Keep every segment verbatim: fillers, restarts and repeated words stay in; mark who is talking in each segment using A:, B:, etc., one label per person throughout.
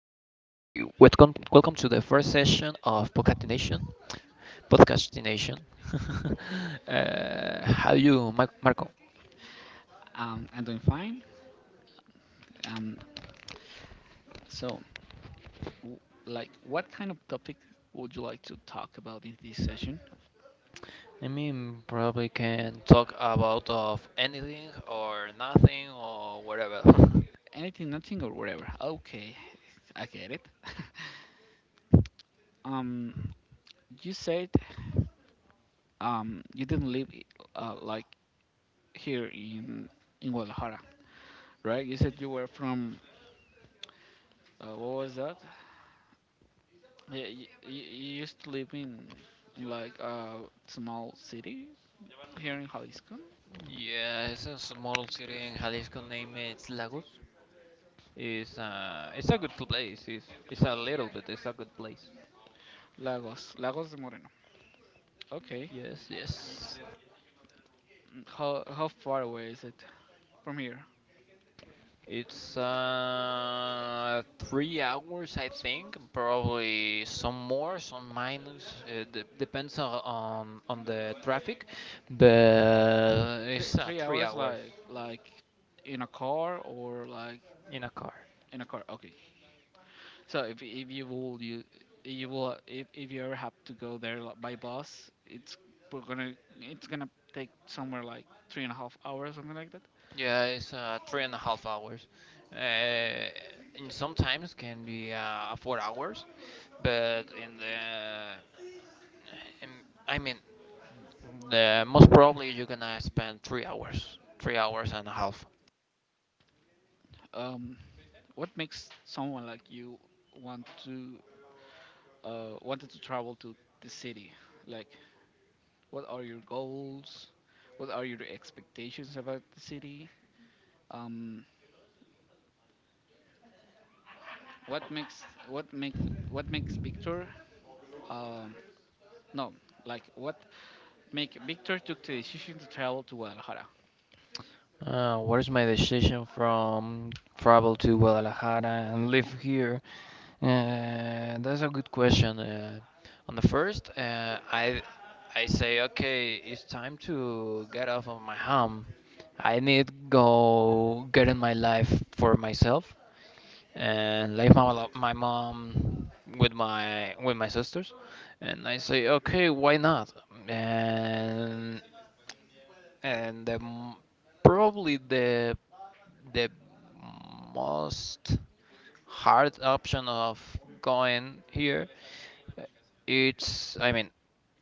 A: the first session of podcastination. Podcastination. uh, how you, Mar- Marco?
B: Um, I'm doing fine. Um, so, w- like, what kind of topic would you like to talk about in this session?
A: I mean, probably can talk about of anything or nothing or whatever.
B: Anything, nothing, or whatever. Okay, I get it. um, you said um, you didn't live uh, like here in in Guadalajara, right? You said you were from uh, what was that? Yeah, You, you, you used to live in like a small city here in Jalisco,
A: Yeah, it's a small city in Jalisco. Name it's Lagos. It's uh, it's a good place. It's it's a little bit. It's a good place.
B: Lagos, Lagos de Moreno. Okay.
A: Yes, yes.
B: Mm, How how far away is it from here?
A: It's uh three hours, I think. Probably some more, some minus. It de- depends on, on on the traffic, but
B: Three,
A: it's uh,
B: three
A: three
B: hours,
A: hours
B: like like in a car or like
A: in a car.
B: in a car. Okay. So if if you will you you will if, if you ever have to go there like by bus, it's we're gonna it's gonna take somewhere like three and a half hours, something like that.
A: Yeah, it's uh, three and a half hours. Uh, and sometimes can be uh, four hours, but in the in, I mean, the most probably you're gonna spend three hours, three hours and a half.
B: Um, what makes someone like you want to uh wanted to travel to the city? Like, what are your goals? What are your expectations about the city? um, what makes what makes what makes Victor um, no like what make Victor took the decision to travel to Guadalajara.
A: Uh, what is my decision from travel to Guadalajara and live here? Uh, that's a good question. Uh, on the first, uh, I I say okay, it's time to get off of my home. I need go get in my life for myself and live my lo- my mom with my with my sisters. And I say okay, why not? And and the, m- probably the the most hard option of going here it's I mean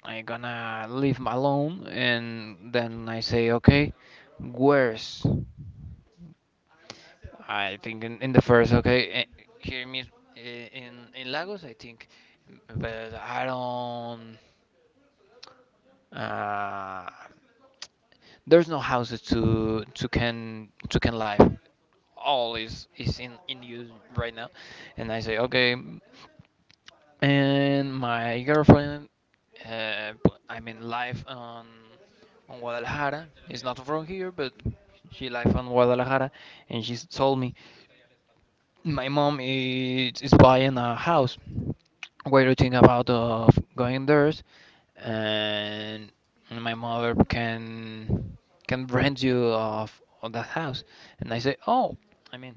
A: I'm gonna leave him alone, and then I say okay, where's I think in, in the first okay eh, here me, eh, in in Lagos I think, but I don't, uh, there's no houses to to can to can live. All is is in in use right now, and I say okay. And my girlfriend, uh, I mean, live on on Guadalajara. It's not from here, but she live on Guadalajara, and she told me, my mom is, is buying a house. What do you think about of going there? And my mother can can rent you of of that house. And I say, oh, I mean,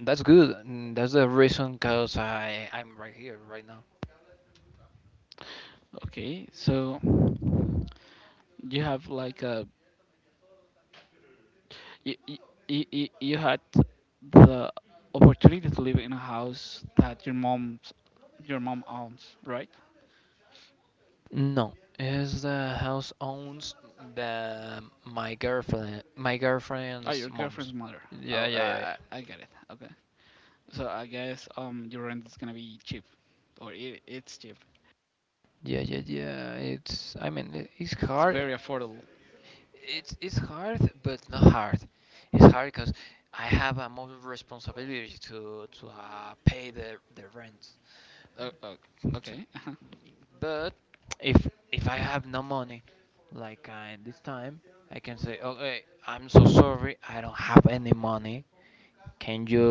A: that's good. And That's the reason cause I I'm right here right now.
B: Okay, so you have like a you, you, you, you had the opportunity to live in a house that your mom's your mom owns, right?
A: No, is the house owns the my girlfriend my
B: Oh,
A: girlfriend's
B: your girlfriend's
A: mom's.
B: mother.
A: Yeah,
B: Oh,
A: yeah, yeah,
B: I I I get it. Okay, so I guess um your rent is gonna be cheap, or it, it's cheap.
A: yeah, yeah, yeah, yeah. It's I mean i- it's
B: It's
A: hard.
B: very affordable.
A: It's it's hard, but not hard. It's hard because I have a more responsibility to to uh, pay the the rent.
B: Oh, oh,
A: To-
B: okay. uh-huh.
A: But if if I have no money, like uh, this time, I can say, okay, I'm so sorry, I don't have any money. Can you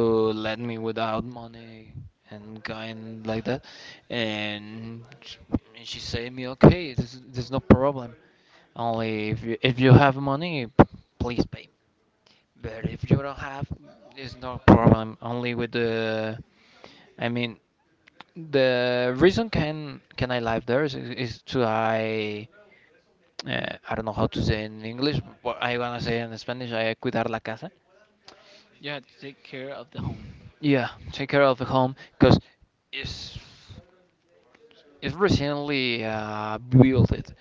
A: let me without money and going like that? And sh- and she say me, okay, there's there's no problem. Only if you if you have money, p- please pay. But if you don't have, it's no problem. Only with the, I mean, the reason can can I live there is, is to I, uh, I don't know how to say in English, but I wanna say in Spanish, I cuidar la casa.
B: You had to take care of the home,
A: Yeah, take care of the home, cause it's it's recently uh, built it.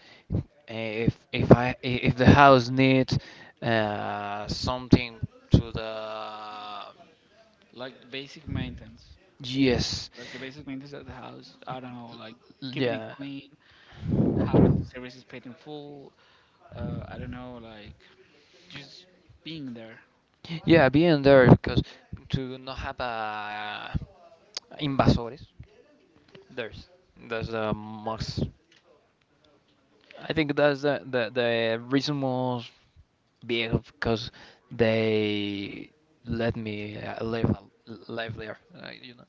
A: If if I if the house needs uh, something to the
B: like the basic maintenance,
A: yes.
B: like the basic maintenance of the house. I don't know, like keeping it
A: Yeah.
B: clean, having services paid in full. Uh, I don't know, like just being there.
A: Yeah, being there because to not have uh, invasores, there's that's the most. I think that's the the, the reason most big because they let me uh, live a- live there. Uh, you know.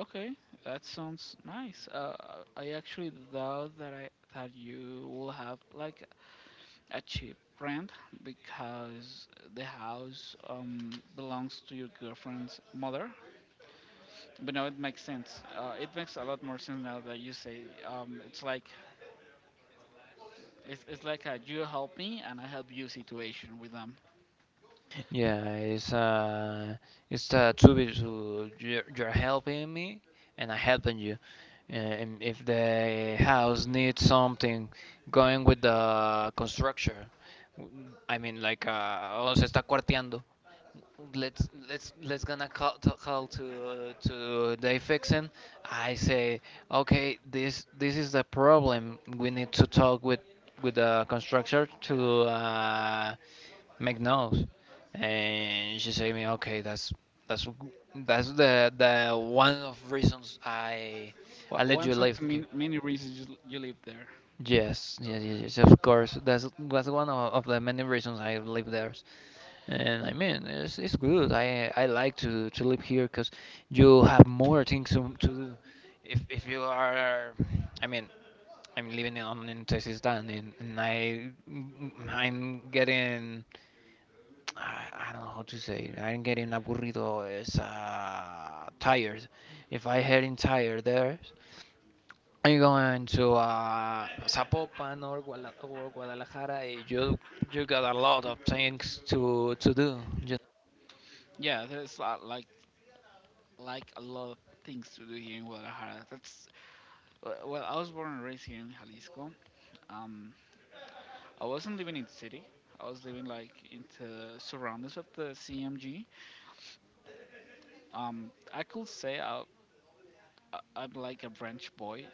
B: Okay, that sounds nice. Uh, I actually thought that I that you will have like a cheap rent because the house um belongs to your girlfriend's mother. But no, it makes sense. Uh, it makes a lot more sense now that you say. Um, it's like it's, it's like a you help me and I help you situation with them.
A: Yeah, it's uh, it's uh, two bit to you're, you're helping me and I helping you. And if the house needs something going with the construction, w- I mean like uh, oh, se está cuarteando. Let's let's let's gonna call to, call to to the fixing. I say okay, this this is the problem. We need to talk with with the constructor to uh, make McNose, and she said me, okay, that's that's that's the the one of reasons I I
B: Wha- One
A: let
B: of
A: you
B: sense
A: live
B: to
A: here.
B: many reasons you, you live there.
A: Yes, yes, yes, yes, of course. That's that's one of, of the many reasons I live there. And I mean, it's, it's good. I I like to, to live here because you have more things to, to do. If if you are, I mean, I'm living in on in Texas, and, and I I'm getting I I don't know how to say it. I'm getting aburrido. It's uh, tired. If I heading tired there, I'm going to uh, Zapopan or Guadalajara. eh, You you got a lot of things to to do. Just,
B: Yeah, there's a, like like a lot of things to do here in Guadalajara. That's well, well, I was born and raised here in Jalisco. Um, I wasn't living in the city. I was living like in the surroundings of the C M G. Um, I could say I, I I'm like a branch boy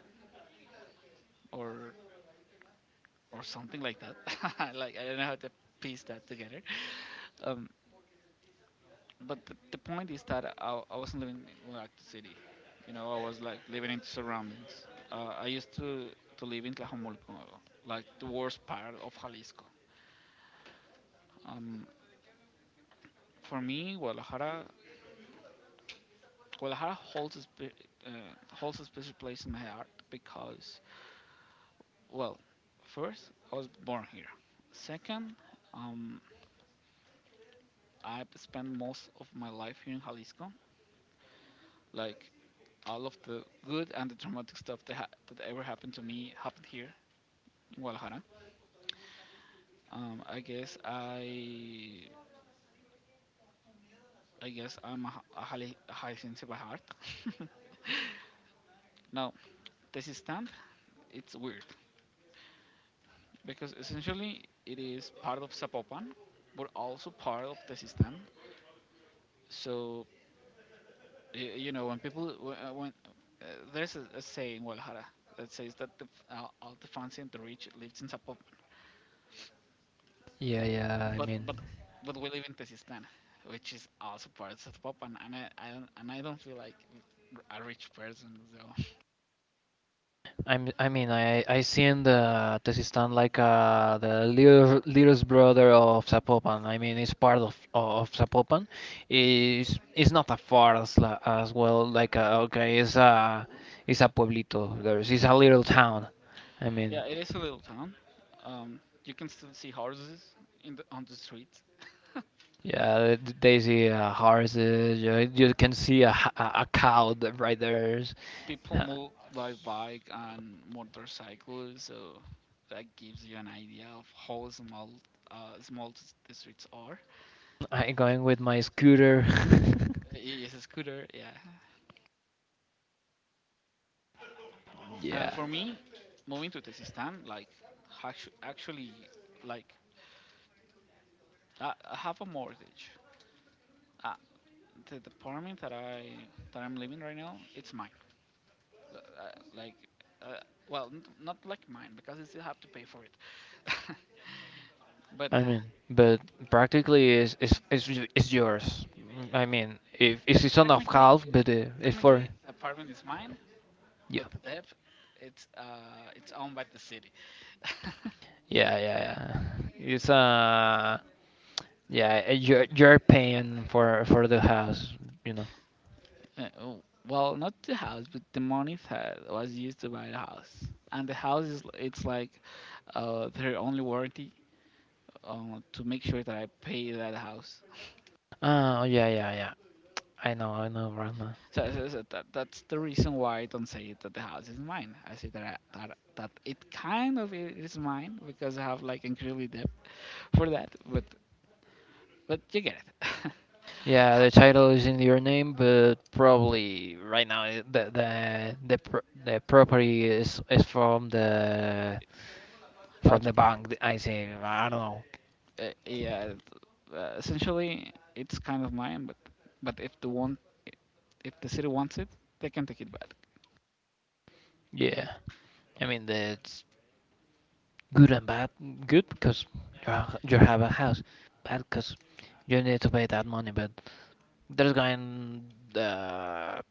B: or or something like that. like I don't know how to piece that together. Um, but the, the point is that I, I wasn't living in like the city. You know, I was like living in the surroundings. Uh, I used to to live in Tlajomulco, like the worst part of Jalisco. Um, for me, Guadalajara, Guadalajara holds a spe- uh, holds a special place in my heart because, well, first I was born here. Second, um, I spent most of my life here in Jalisco. Like all of the good and the traumatic stuff that, ha- that ever happened to me happened here in Guadalajara. Um, I guess I, I guess I'm a, h- a highly, a high sensitive by heart. Now, this stand, it's weird because essentially it is part of Zapopan, but also part of the system. So you, you know when people when, uh, when uh, there's a, a saying in Guadalajara that says that the, f- uh, all the fancy and the rich lives in Zapop,
A: yeah, yeah. I
B: but
A: mean,
B: but but we live in Tezistan, which is also part of Popan, and I, I don't and I don't feel like a rich person. So
A: I'm, I mean, I I seen the Tezistan like uh, the little littlest brother of Zapopan. I mean, it's part of of Zapopan. It's it's not a far as, la- as well. Like uh, okay, it's a it's a pueblito. There's it's a little town. I mean,
B: yeah, it is a little town. Um, you can still see horses in the on the streets.
A: yeah, th- they see uh, horses. You, you can see a h- a, a cow that right there.
B: People move by bike and motorcycles, so that gives you an idea of how small uh, small s- the streets are.
A: I going with my scooter.
B: It's a scooter, yeah. Uh,
A: Yeah.
B: for me, moving to Tezistan, like actu- actually, like I, I have a mortgage. Uh, the apartment that I that I'm living right now, it's mine. Uh, uh, like, uh, well, n- not like mine because I still have to pay for it. but
A: I mean, but practically is is is y- is yours. Mm, I mean, if if
B: tec-
A: it's on of
B: Technically
A: half,
B: it is,
A: but uh, it's for
B: technically, the apartment is mine.
A: yeah,
B: But the debt, it's uh, it's owned by the city.
A: yeah, yeah, yeah. It's uh, yeah, uh, you're you're paying for for the house, you know.
B: Uh, oh, well, not the house, but the money that was used to buy the house. And the house is it's like uh, their only warranty uh, to make sure that I pay that house.
A: Oh yeah, yeah, yeah. I know, I know, right now.
B: So, so, so that, that's the reason why I don't say that the house is mine. I say that, I, that that it kind of i- is mine because I have like incredibly debt for that. But but you get it.
A: Yeah, the title is in your name, but probably right now i- the the the pro the property is is from the
B: uh,
A: from
B: t-
A: the bank. th- I say I don't know.
B: uh, yeah, it- uh, essentially it's kind of mine. But but if the one if the city wants it, they can take it back.
A: Yeah. I mean, the good and bad. Good because you ha- you have a house. Bad because you need to pay that money. But there's going uh,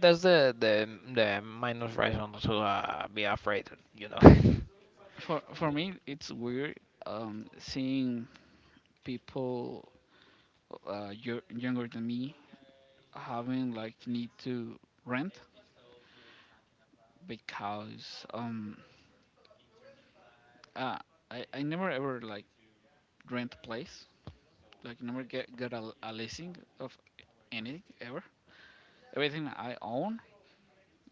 A: that's the the the minus reason to uh, be afraid. You know.
B: For for me, it's weird um, seeing people uh, yo- younger than me having like need to rent because um uh, I, I never ever like rent a place, like never get got a, a leasing of anything. Ever everything I own,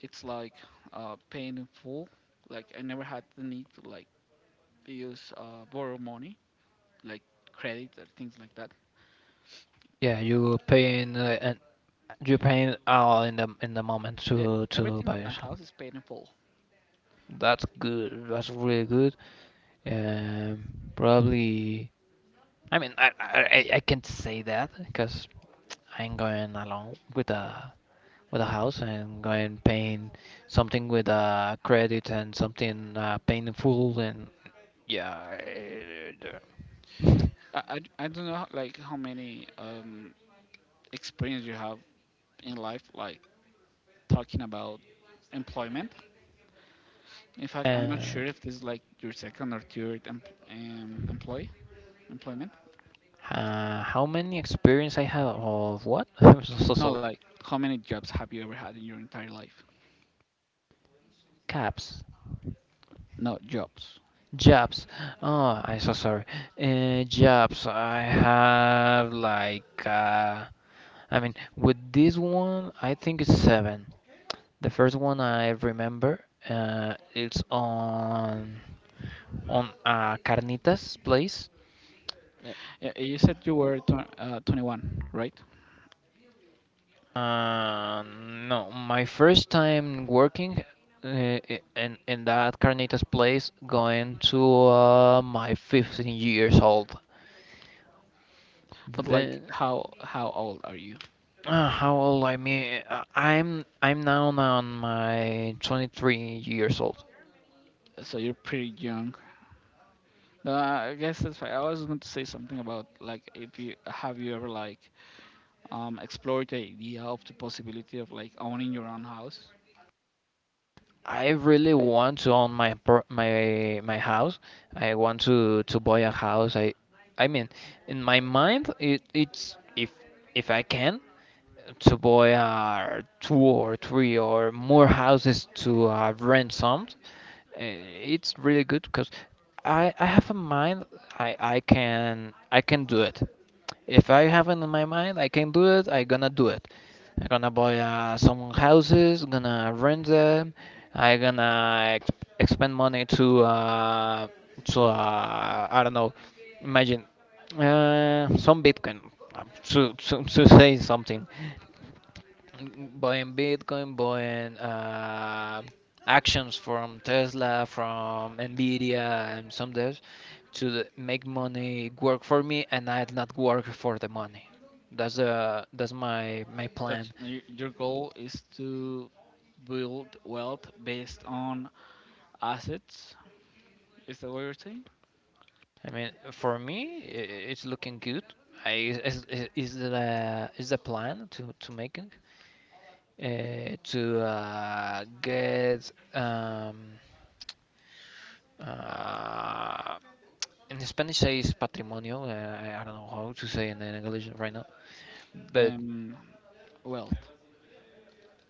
B: it's like uh paying in full. Like I never had the need to like use uh borrow money, like credit or things like that.
A: Yeah, you paying uh, and you paying all in the in the moment
B: E-
A: to to
B: Everything
A: buy
B: but my
A: yourself.
B: house is paid in full.
A: That's good. That's really good. Um, probably. I mean, I I I I can't say that because I'm going along with the with a house and go and paint something with a credit and something uh, paint in full and yeah.
B: i i, I don't know like how many um experience you have in life, like talking about employment. In fact, I'm not sure
A: And
B: if this is like your second or third em- um, employee employment.
A: uh, how many experience I have of what? I'm so, so,
B: No,
A: so
B: like how many jobs have you ever had in your entire life?
A: caps.
B: No jobs.
A: Jobs. Oh, I'm so sorry. Uh, jobs. I have like uh, I mean, with this one, I think it's seven. The first one I remember, uh, it's on on uh, Carnitas place.
B: Uh, You said you were tw- uh, twenty-one, right?
A: Uh, no, my first time working uh, i- in in that carnitas place going to uh, my fifteen years old.
B: But like,
A: Then
B: how how old are you?
A: uh, how old I mean uh, I'm I'm now on my twenty-three years old.
B: So you're pretty young. Uh, I guess that's why I was going to say something about like if you have you ever like um explored the idea of the possibility of like owning your own house?
A: I really want to own my pro my my house. I want to to buy a house. I I mean in my mind it it's if if I can to buy uh, two or three or more houses to uh, rent some. Uh, It's really good because I, I have a mind. I, I can I can do it. If I have it in my mind, I can do it. I gonna do it. I gonna buy uh, some houses. Gonna rent them. I gonna ex expend money to uh, to uh, I don't know. Imagine uh, some Bitcoin, uh, to, to to say something, buying Bitcoin, buying uh, actions from Tesla, from Nvidia, and some others to the- make money work for me, and I would not work for the money. That's the that's my my
B: Touch,
A: plan.
B: y- your goal is to build wealth based on assets. Is that what you're saying?
A: I mean, for me, i- it's looking good. I Is is is the is the plan to to making uh, to uh, get um, uh, in Spanish say is patrimonio. Uh, I, I don't know how to say in English right now, but
B: Um, Wealth.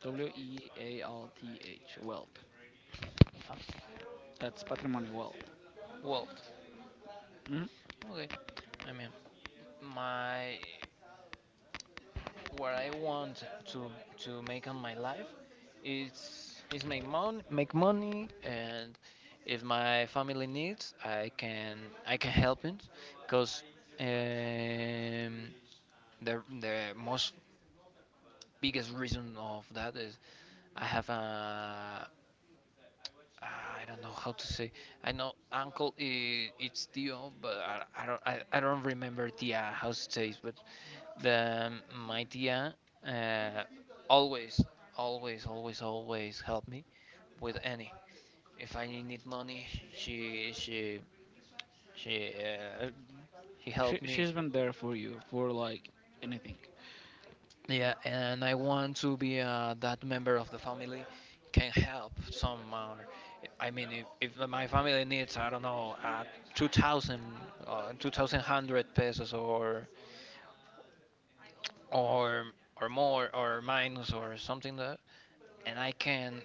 B: W E A L T H. Wealth. That's patrimony wealth.
A: well,
B: Hmm.
A: okay. I mean, my what I want to to make on my life is is make mon make money, and if my family needs, I can I can help it, because um, the the most biggest reason of that is I have a uh, I don't know how to say. I know uncle is it's Tio, but I, I don't I, I don't remember Tia how it says. But the my Tia uh, always always always always help me with any. If I need money, she she she uh, she
B: She,
A: helped me.
B: she's been there for you for like anything.
A: Yeah, and I want to be uh, that member of the family can help some. Uh, I mean, if, if my family needs, I don't know, uh, two thousand, uh, two thousand one hundred pesos or or or more or minus or something like that, and I can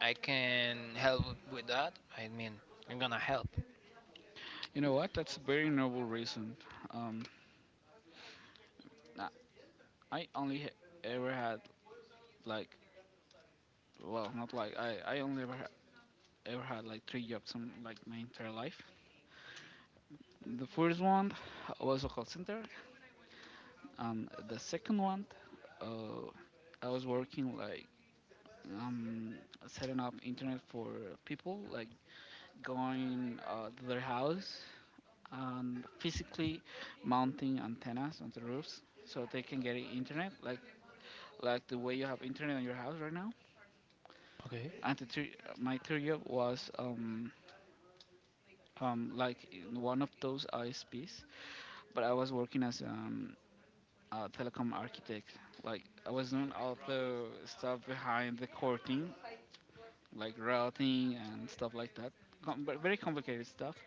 A: I can help with that. I mean, I'm gonna help.
B: You know what? That's a very noble reason. Um, I I only ha- ever had like, well, not like I, I only ever ha- ever had like three jobs in like my entire life. The first one I was a call center, and the second one, uh, I was working like um, setting up internet for people, like going uh, to their house and physically mounting antennas on the roofs so they can get internet, like like the way you have internet on your house right now.
A: Okay.
B: And the thir- my third job was um, um, like in one of those I S Ps, but I was working as um, uh, telecom architect. Like I was doing all the stuff behind the core team, like routing and stuff like that. Com- ve- very complicated stuff.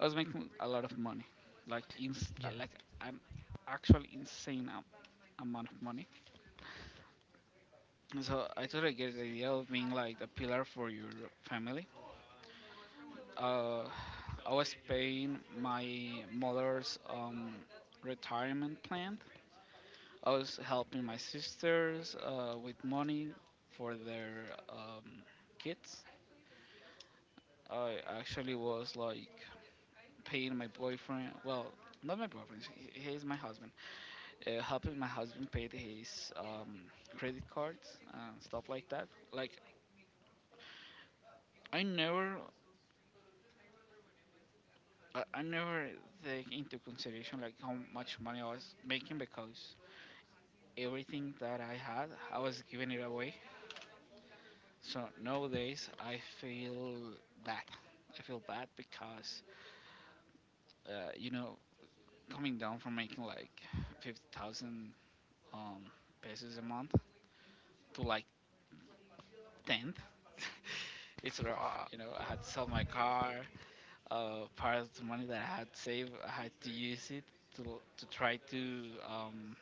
B: I was making a lot of money, like ins- uh,
A: Yeah.
B: like an actual insane am- amount of money. And so I totally get the idea of being like the pillar for your family. Uh, I was paying my mother's um, retirement plan. I was helping my sisters uh, with money for their um, kids. I actually was like paying my boyfriend. Well, not my boyfriend. He he is my husband. Uh, helping my husband pay his um, credit cards and stuff like that. Like I never, I, I never take into consideration like how much money I was making because everything that I had, I was giving it away. So nowadays I feel bad. I feel bad because uh, you know, coming down from making like fifty thousand um, pesos a month to like ten. It's rough.
A: Fuck.
B: You know, I had to sell my car. Uh, part of the money that I had saved, I had to use it to to try to um,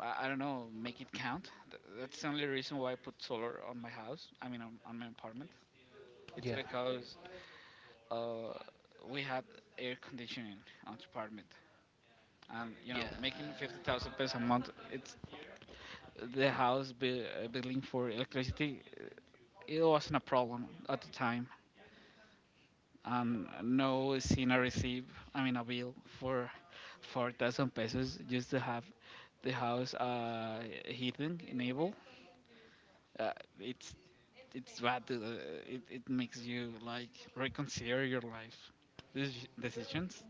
B: I, I don't know, make it count. Th- that's the only reason why I put solar on my house. I mean on, on my apartment. It's
A: Yeah.
B: because Uh, we had air conditioning on the apartment, and you
A: Yeah.
B: know, making fifty thousand pesos a month, it's the house bi- uh, billing for electricity. uh, It wasn't a problem at the time, and no seen a receive. I mean, a bill for four thousand pesos just to have the house uh, heating enabled. Uh, it's it's bad, dude. Uh, it it makes you like reconsider your life deci- decisions.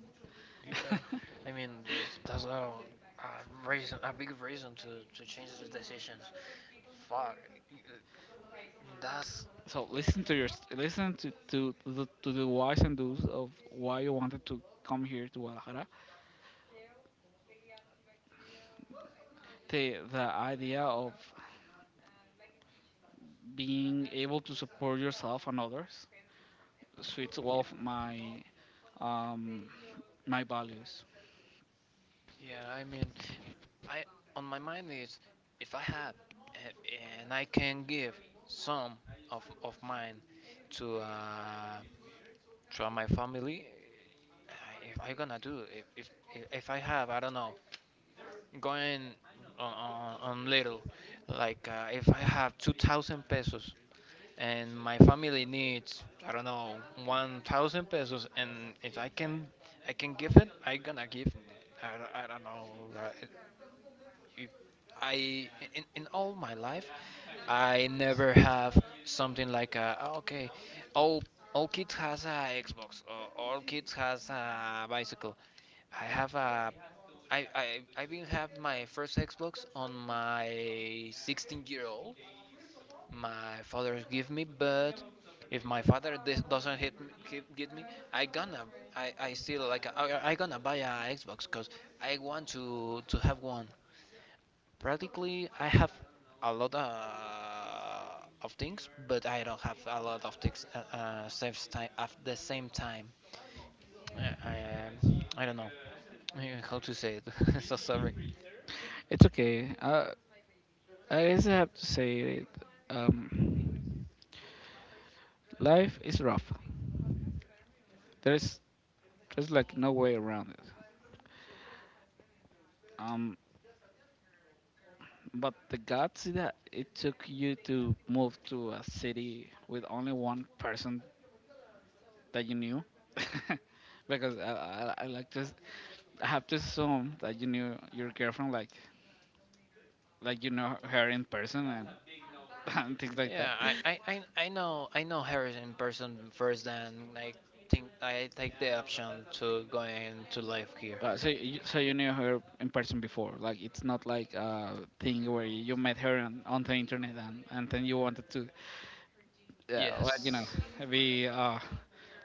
A: Yeah, I mean that's, that's a, a reason, a big reason to to change the decisions. Fuck, that's
B: So listen to your listen to to the to the whys and do's of why you wanted to come here to Guadalajara. The the idea of being able to support yourself and others fits well
A: yeah.
B: of my um my values.
A: Yeah, I mean, I on my mind is if I have a- and I can give some of of mine to uh to my family, I- if I gonna do if if if I have I don't know going on on, on little like uh, if I have two thousand pesos and my family needs I don't know one thousand pesos and if I can I can give it I gonna give it. I, don't- I don't know, like, if I in, in all my life I never have something like a, "Oh, okay, all all kids has a Xbox or all kids has a bicycle." I have a I, I, I even have my first Xbox on my sixteen-year-old year old. My father give me, but if my father dis- doesn't hit me, keep, give me, i gonna i, I still like I, I gonna buy a xbox because I want to to have one. Practically I have a lot uh, of things, but I don't have a lot of things uh, uh, same time at the same time. uh, I, um, I don't know uh, how to say it. So sorry.
B: It's okay. Uh, I just have to say it. Um, Life is rough. There's there's like no way around it. Um, But the guts that it took you to move to a city with only one person that you knew, because I, I, I like to, s- I have to assume that you knew your girlfriend, like, like you know her in person, and and things like that.
A: Yeah, I, I, I, I know, I know her in person first, and I think I take the option to go into live here.
B: Uh, so you, so you knew her in person before. Like, it's not like a thing where you met her on, on the internet, and, and then you wanted to, uh, well, you know,
A: Yes.
B: be uh,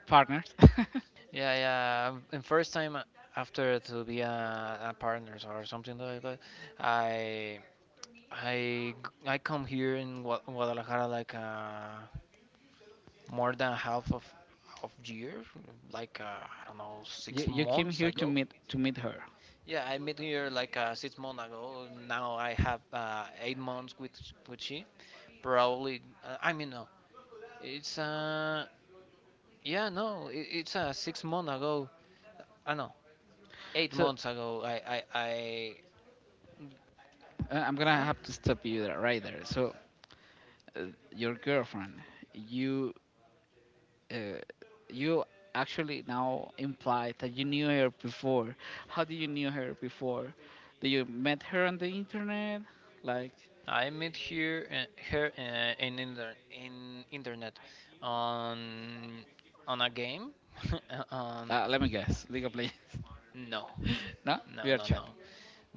B: partners.
A: Yeah, yeah. um, And first time uh, after to be a, a partners or something like that, I I I come here in Gua- Guadalajara like uh, more than half of of year, like uh, I don't know,
B: You
A: six
B: you came
A: months
B: here to
A: ago.
B: meet to meet her.
A: Yeah, I met her like uh, six months ago. Now I have uh, eight months with with she. Probably, uh, I mean, no, it's uh yeah, no, it, it's uh six months ago. I uh, know eight
B: So, uh,
A: months ago. I I I
B: I'm gonna
A: uh,
B: have to stop you there right there. So, uh, your girlfriend, you, uh, you actually now imply that you knew her before. How did you knew her before? Did you met her on the internet? Like,
A: I met here uh, her uh, in inter- in internet, on on a game. on
B: uh, let me guess, League of Legends.
A: no
B: No,
A: no
B: we are
A: no
B: chat.
A: no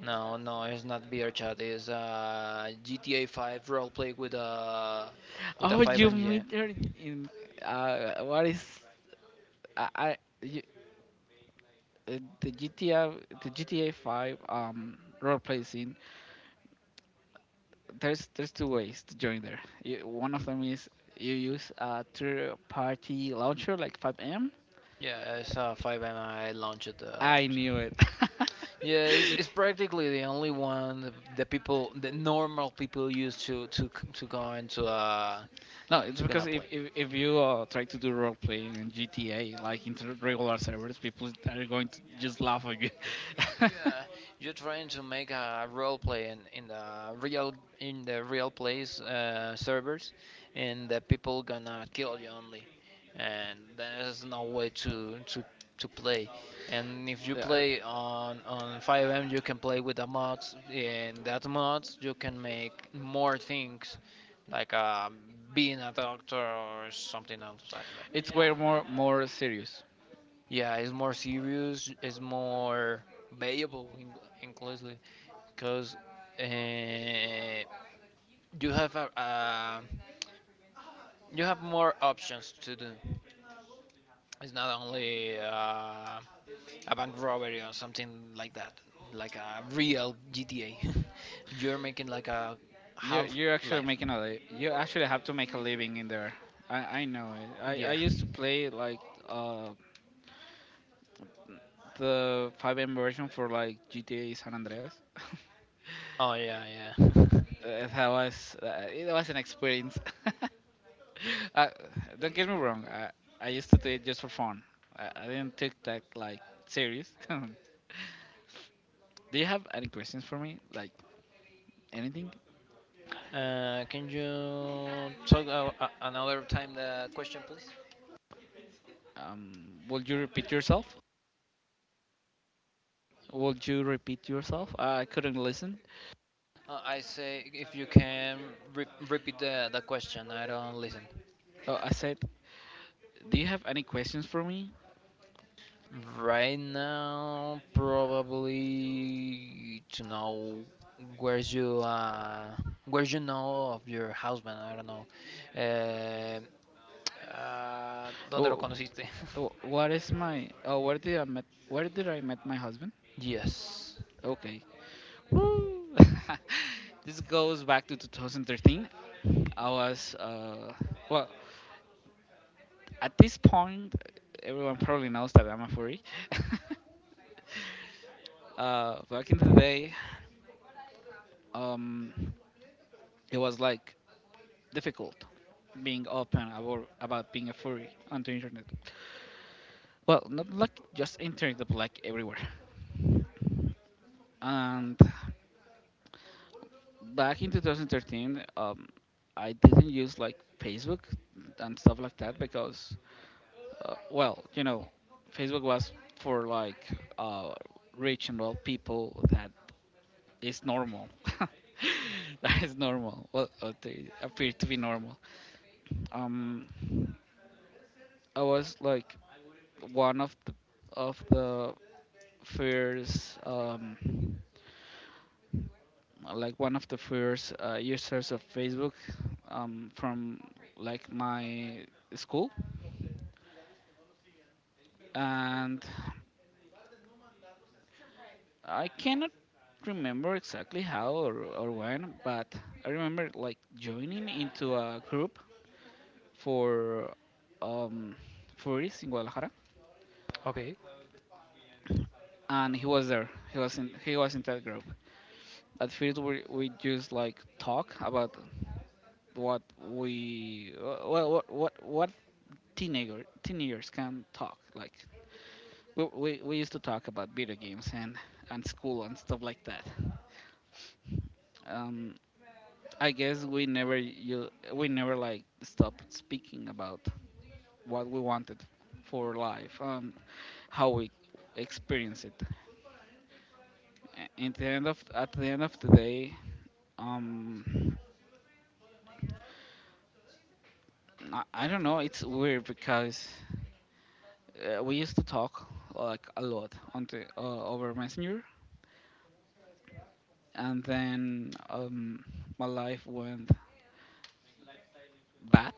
A: No, no, it's not beer chat. It's uh, G T A five roleplay with a with a
B: Oh,
A: five
B: you
A: engine.
B: meet her in, uh, what is I, I you, uh, the G T A the G T A five um role playing scene. There's there's two ways to join there. You, one of them is you use a third party launcher like five M.
A: Yeah, it's a five and I launched. Uh,
B: I knew it.
A: yeah, it's, it's practically the only one that the people, the normal people use to to to go into uh
B: No, it's
A: to gonna
B: because if,
A: play.
B: if, if you uh, try to do role playing in G T A, like in the regular servers, people are going to just laugh at you.
A: Yeah, you're trying to make a role play in, in the real in the real place uh, servers, and the people gonna kill you only, and there's no way to to to play. And if you
B: Yeah, uh,
A: play on on five M, you can play with the mods. In that mods, you can make more things, like uh, being a doctor or something else like that.
B: it's way more more serious.
A: Yeah, it's more serious. It's more valuable, in- inclusive, because uh, you have a, uh, you have more options to do. It's not only uh, a bank robbery or something like that, like a real G T A. You're making like a
B: You
A: half
B: you actually
A: life.
B: making a li- you actually have to make a living in there. I I know it. I I
A: Yeah.
B: used to play like uh the five M version for like G T A San Andreas.
A: Oh, yeah, yeah.
B: Uh, that was uh, it was an experience. uh, don't get me wrong. I I used to do it just for fun. I, I didn't take that like serious. Do you have any questions for me? Like anything?
A: Uh, can you talk uh, uh, another time the question, please?
B: Um, will you repeat yourself? Will you repeat yourself? I couldn't listen.
A: Uh, I say if you can re- repeat the, the question. I don't listen.
B: Oh, I said, do you have any questions for me?
A: Right now, probably to know where you uh where you know of your husband. I don't know. Eh, uh, ¿Dónde lo
B: Oh,
A: conociste?
B: oh what is my? Oh, where did I met? Where did I met my husband?
A: Yes.
B: Okay. Woo! This goes back to two thousand thirteen. I was uh, well at this point, everyone probably knows that I'm a furry. Uh, back in the day, um, it was like difficult being open about about being a furry on the internet. Well, not like just internet, but like everywhere. And back in two thousand thirteen, um, I didn't use like Facebook and stuff like that because, uh, well, you know, Facebook was for like uh, rich and well people that is normal. That is normal. Well, uh, they appear to be normal. Um, I was like one of the of the first um, like one of the first uh, users of Facebook, um, from like my school, and I cannot remember exactly how, or, or when, but I remember like joining into a group for, um, furries in Guadalajara,
A: Okay.
B: and he was there. He was in he was in that group. At first, we we just like talk about what we well what what what teenager teenagers can talk. Like we, we, we used to talk about video games, and, and school and stuff like that. Um, I guess we never you we never like stopped speaking about what we wanted for life, um, how we experience it. A- At the end of at the end of the day, um, I, I don't know. It's weird because uh, we used to talk like a lot on the, uh, over Messenger, and then um, my life went bad.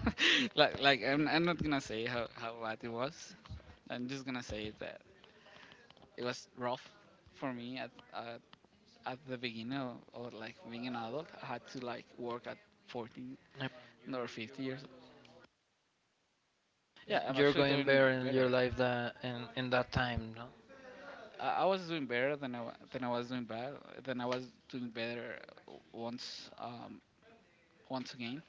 B: Like, like I'm, I'm not gonna say how, how bad it was. I'm just gonna say that it was rough for me at at, at the beginning of, of like being an adult. I had to like work at fourteen
A: Um,
B: or fifty years old. Yeah, I'm
A: You're
B: actually
A: going
B: doing
A: better in your
B: better.
A: life that in in that time, no?
B: I I was doing better than I, wa- than I was doing bad, than I was doing better once, um, once again.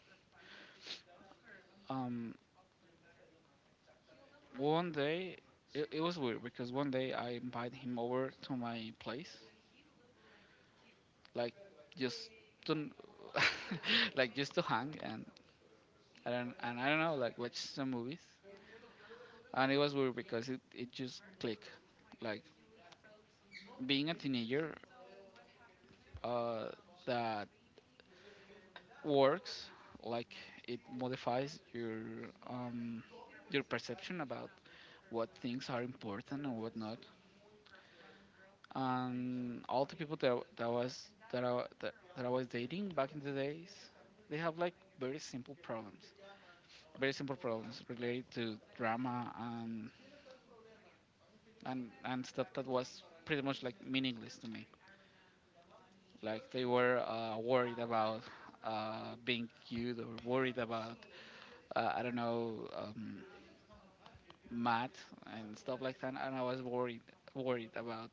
B: Um, One day, it, it was weird because one day I invited him over to my place, like just to like just to hang, and I don't and I don't know, like watch some movies. And it was weird because, it, it just clicked. Like being a teenager, uh, that works. Like it modifies your um your perception about what things are important and what not. And all the people that that was that I that, that I was dating back in the days, they have like very simple problems, very simple problems related to drama, and and and stuff that was pretty much like meaningless to me. Like they were uh, worried about, uh, being cute, or worried about, uh, I don't know, um, math and stuff like that, and I was worried worried about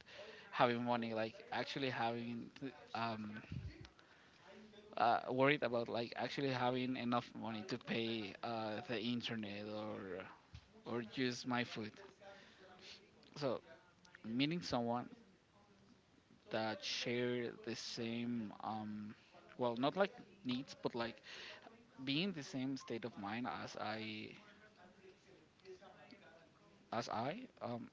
B: having money, like actually having, um, uh, worried about like actually having enough money to pay uh, the internet, or or just my food. So meeting someone that share the same, um, well not like needs, but like being the same state of mind as I as I, um,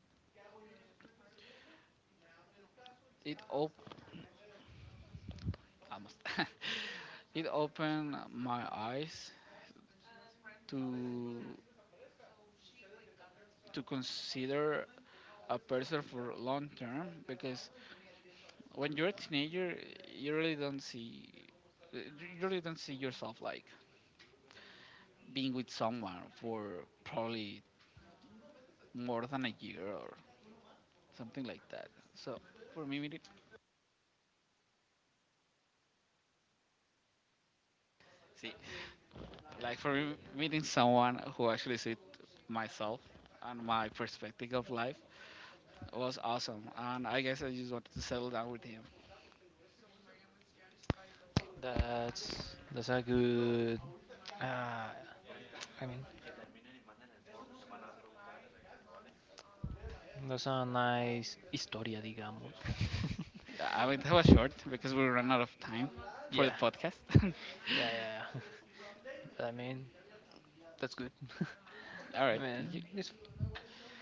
B: it op almost it opened my eyes to to consider a person for long term, because when you're a teenager, you really don't see, uh, you really don't see yourself like being with someone for probably more than a year or something like that. So for me, meeting, see, like for me, meeting someone who actually see myself and my perspective of life was awesome. And I guess I just wanted to settle down with him.
A: That's that's a good. Uh, I mean, that's a nice historia, digamos.
B: I mean, that was short because we ran out of time for the
A: Yeah.
B: podcast.
A: Yeah, yeah, yeah. I mean, that's good.
B: All
A: I
B: right,
A: mean,
B: thank you.
A: it's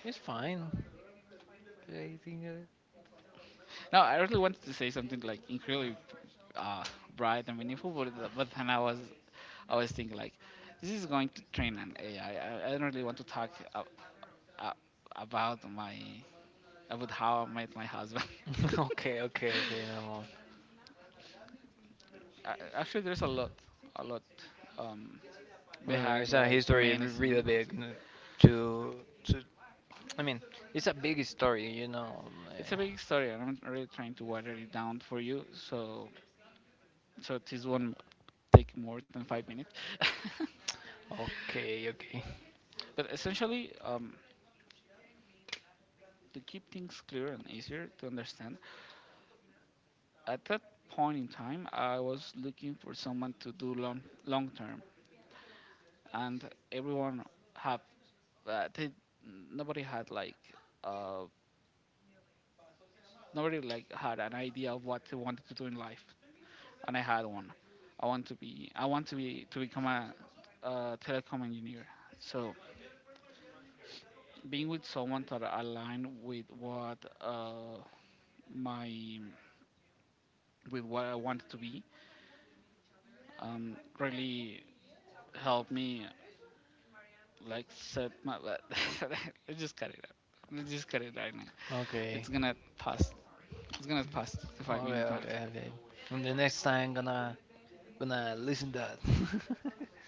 A: it's fine.
B: No, I really wanted to say something like incredibly, uh, bright and meaningful. But, the- but then I was I was thinking like, this is going to train an A I. I, I, I don't really want to talk, uh, uh, about my, about how I met my husband.
A: Okay, okay, okay. No more.
B: Uh, actually, there's a lot, a lot, um,
A: I mean,
B: behind
A: it's a
B: like the
A: history
B: main
A: really
B: scene. It's,
A: big. n- To to. I mean, it's a big story, you know. uh,
B: it's a big story, and I'm really trying to water it down for you. So so this won't take more than five minutes.
A: Okay, okay,
B: But essentially, um, to keep things clear and easier to understand, at that point in time, I was looking for someone to do long long term, and everyone have, uh, they, nobody had like, uh, nobody like had an idea of what they wanted to do in life, and I had one. I want to be I want to be to become a, uh telecom engineer. So being with someone that aligned with what, uh, my with what I wanted to be, um, really helped me like set my Let's just cut it out. Let's just cut it right now. It's
A: okay,
B: gonna pass. It's gonna pass the five
A: okay,
B: minutes mark.
A: okay, okay. And the next time, gonna gonna listen that.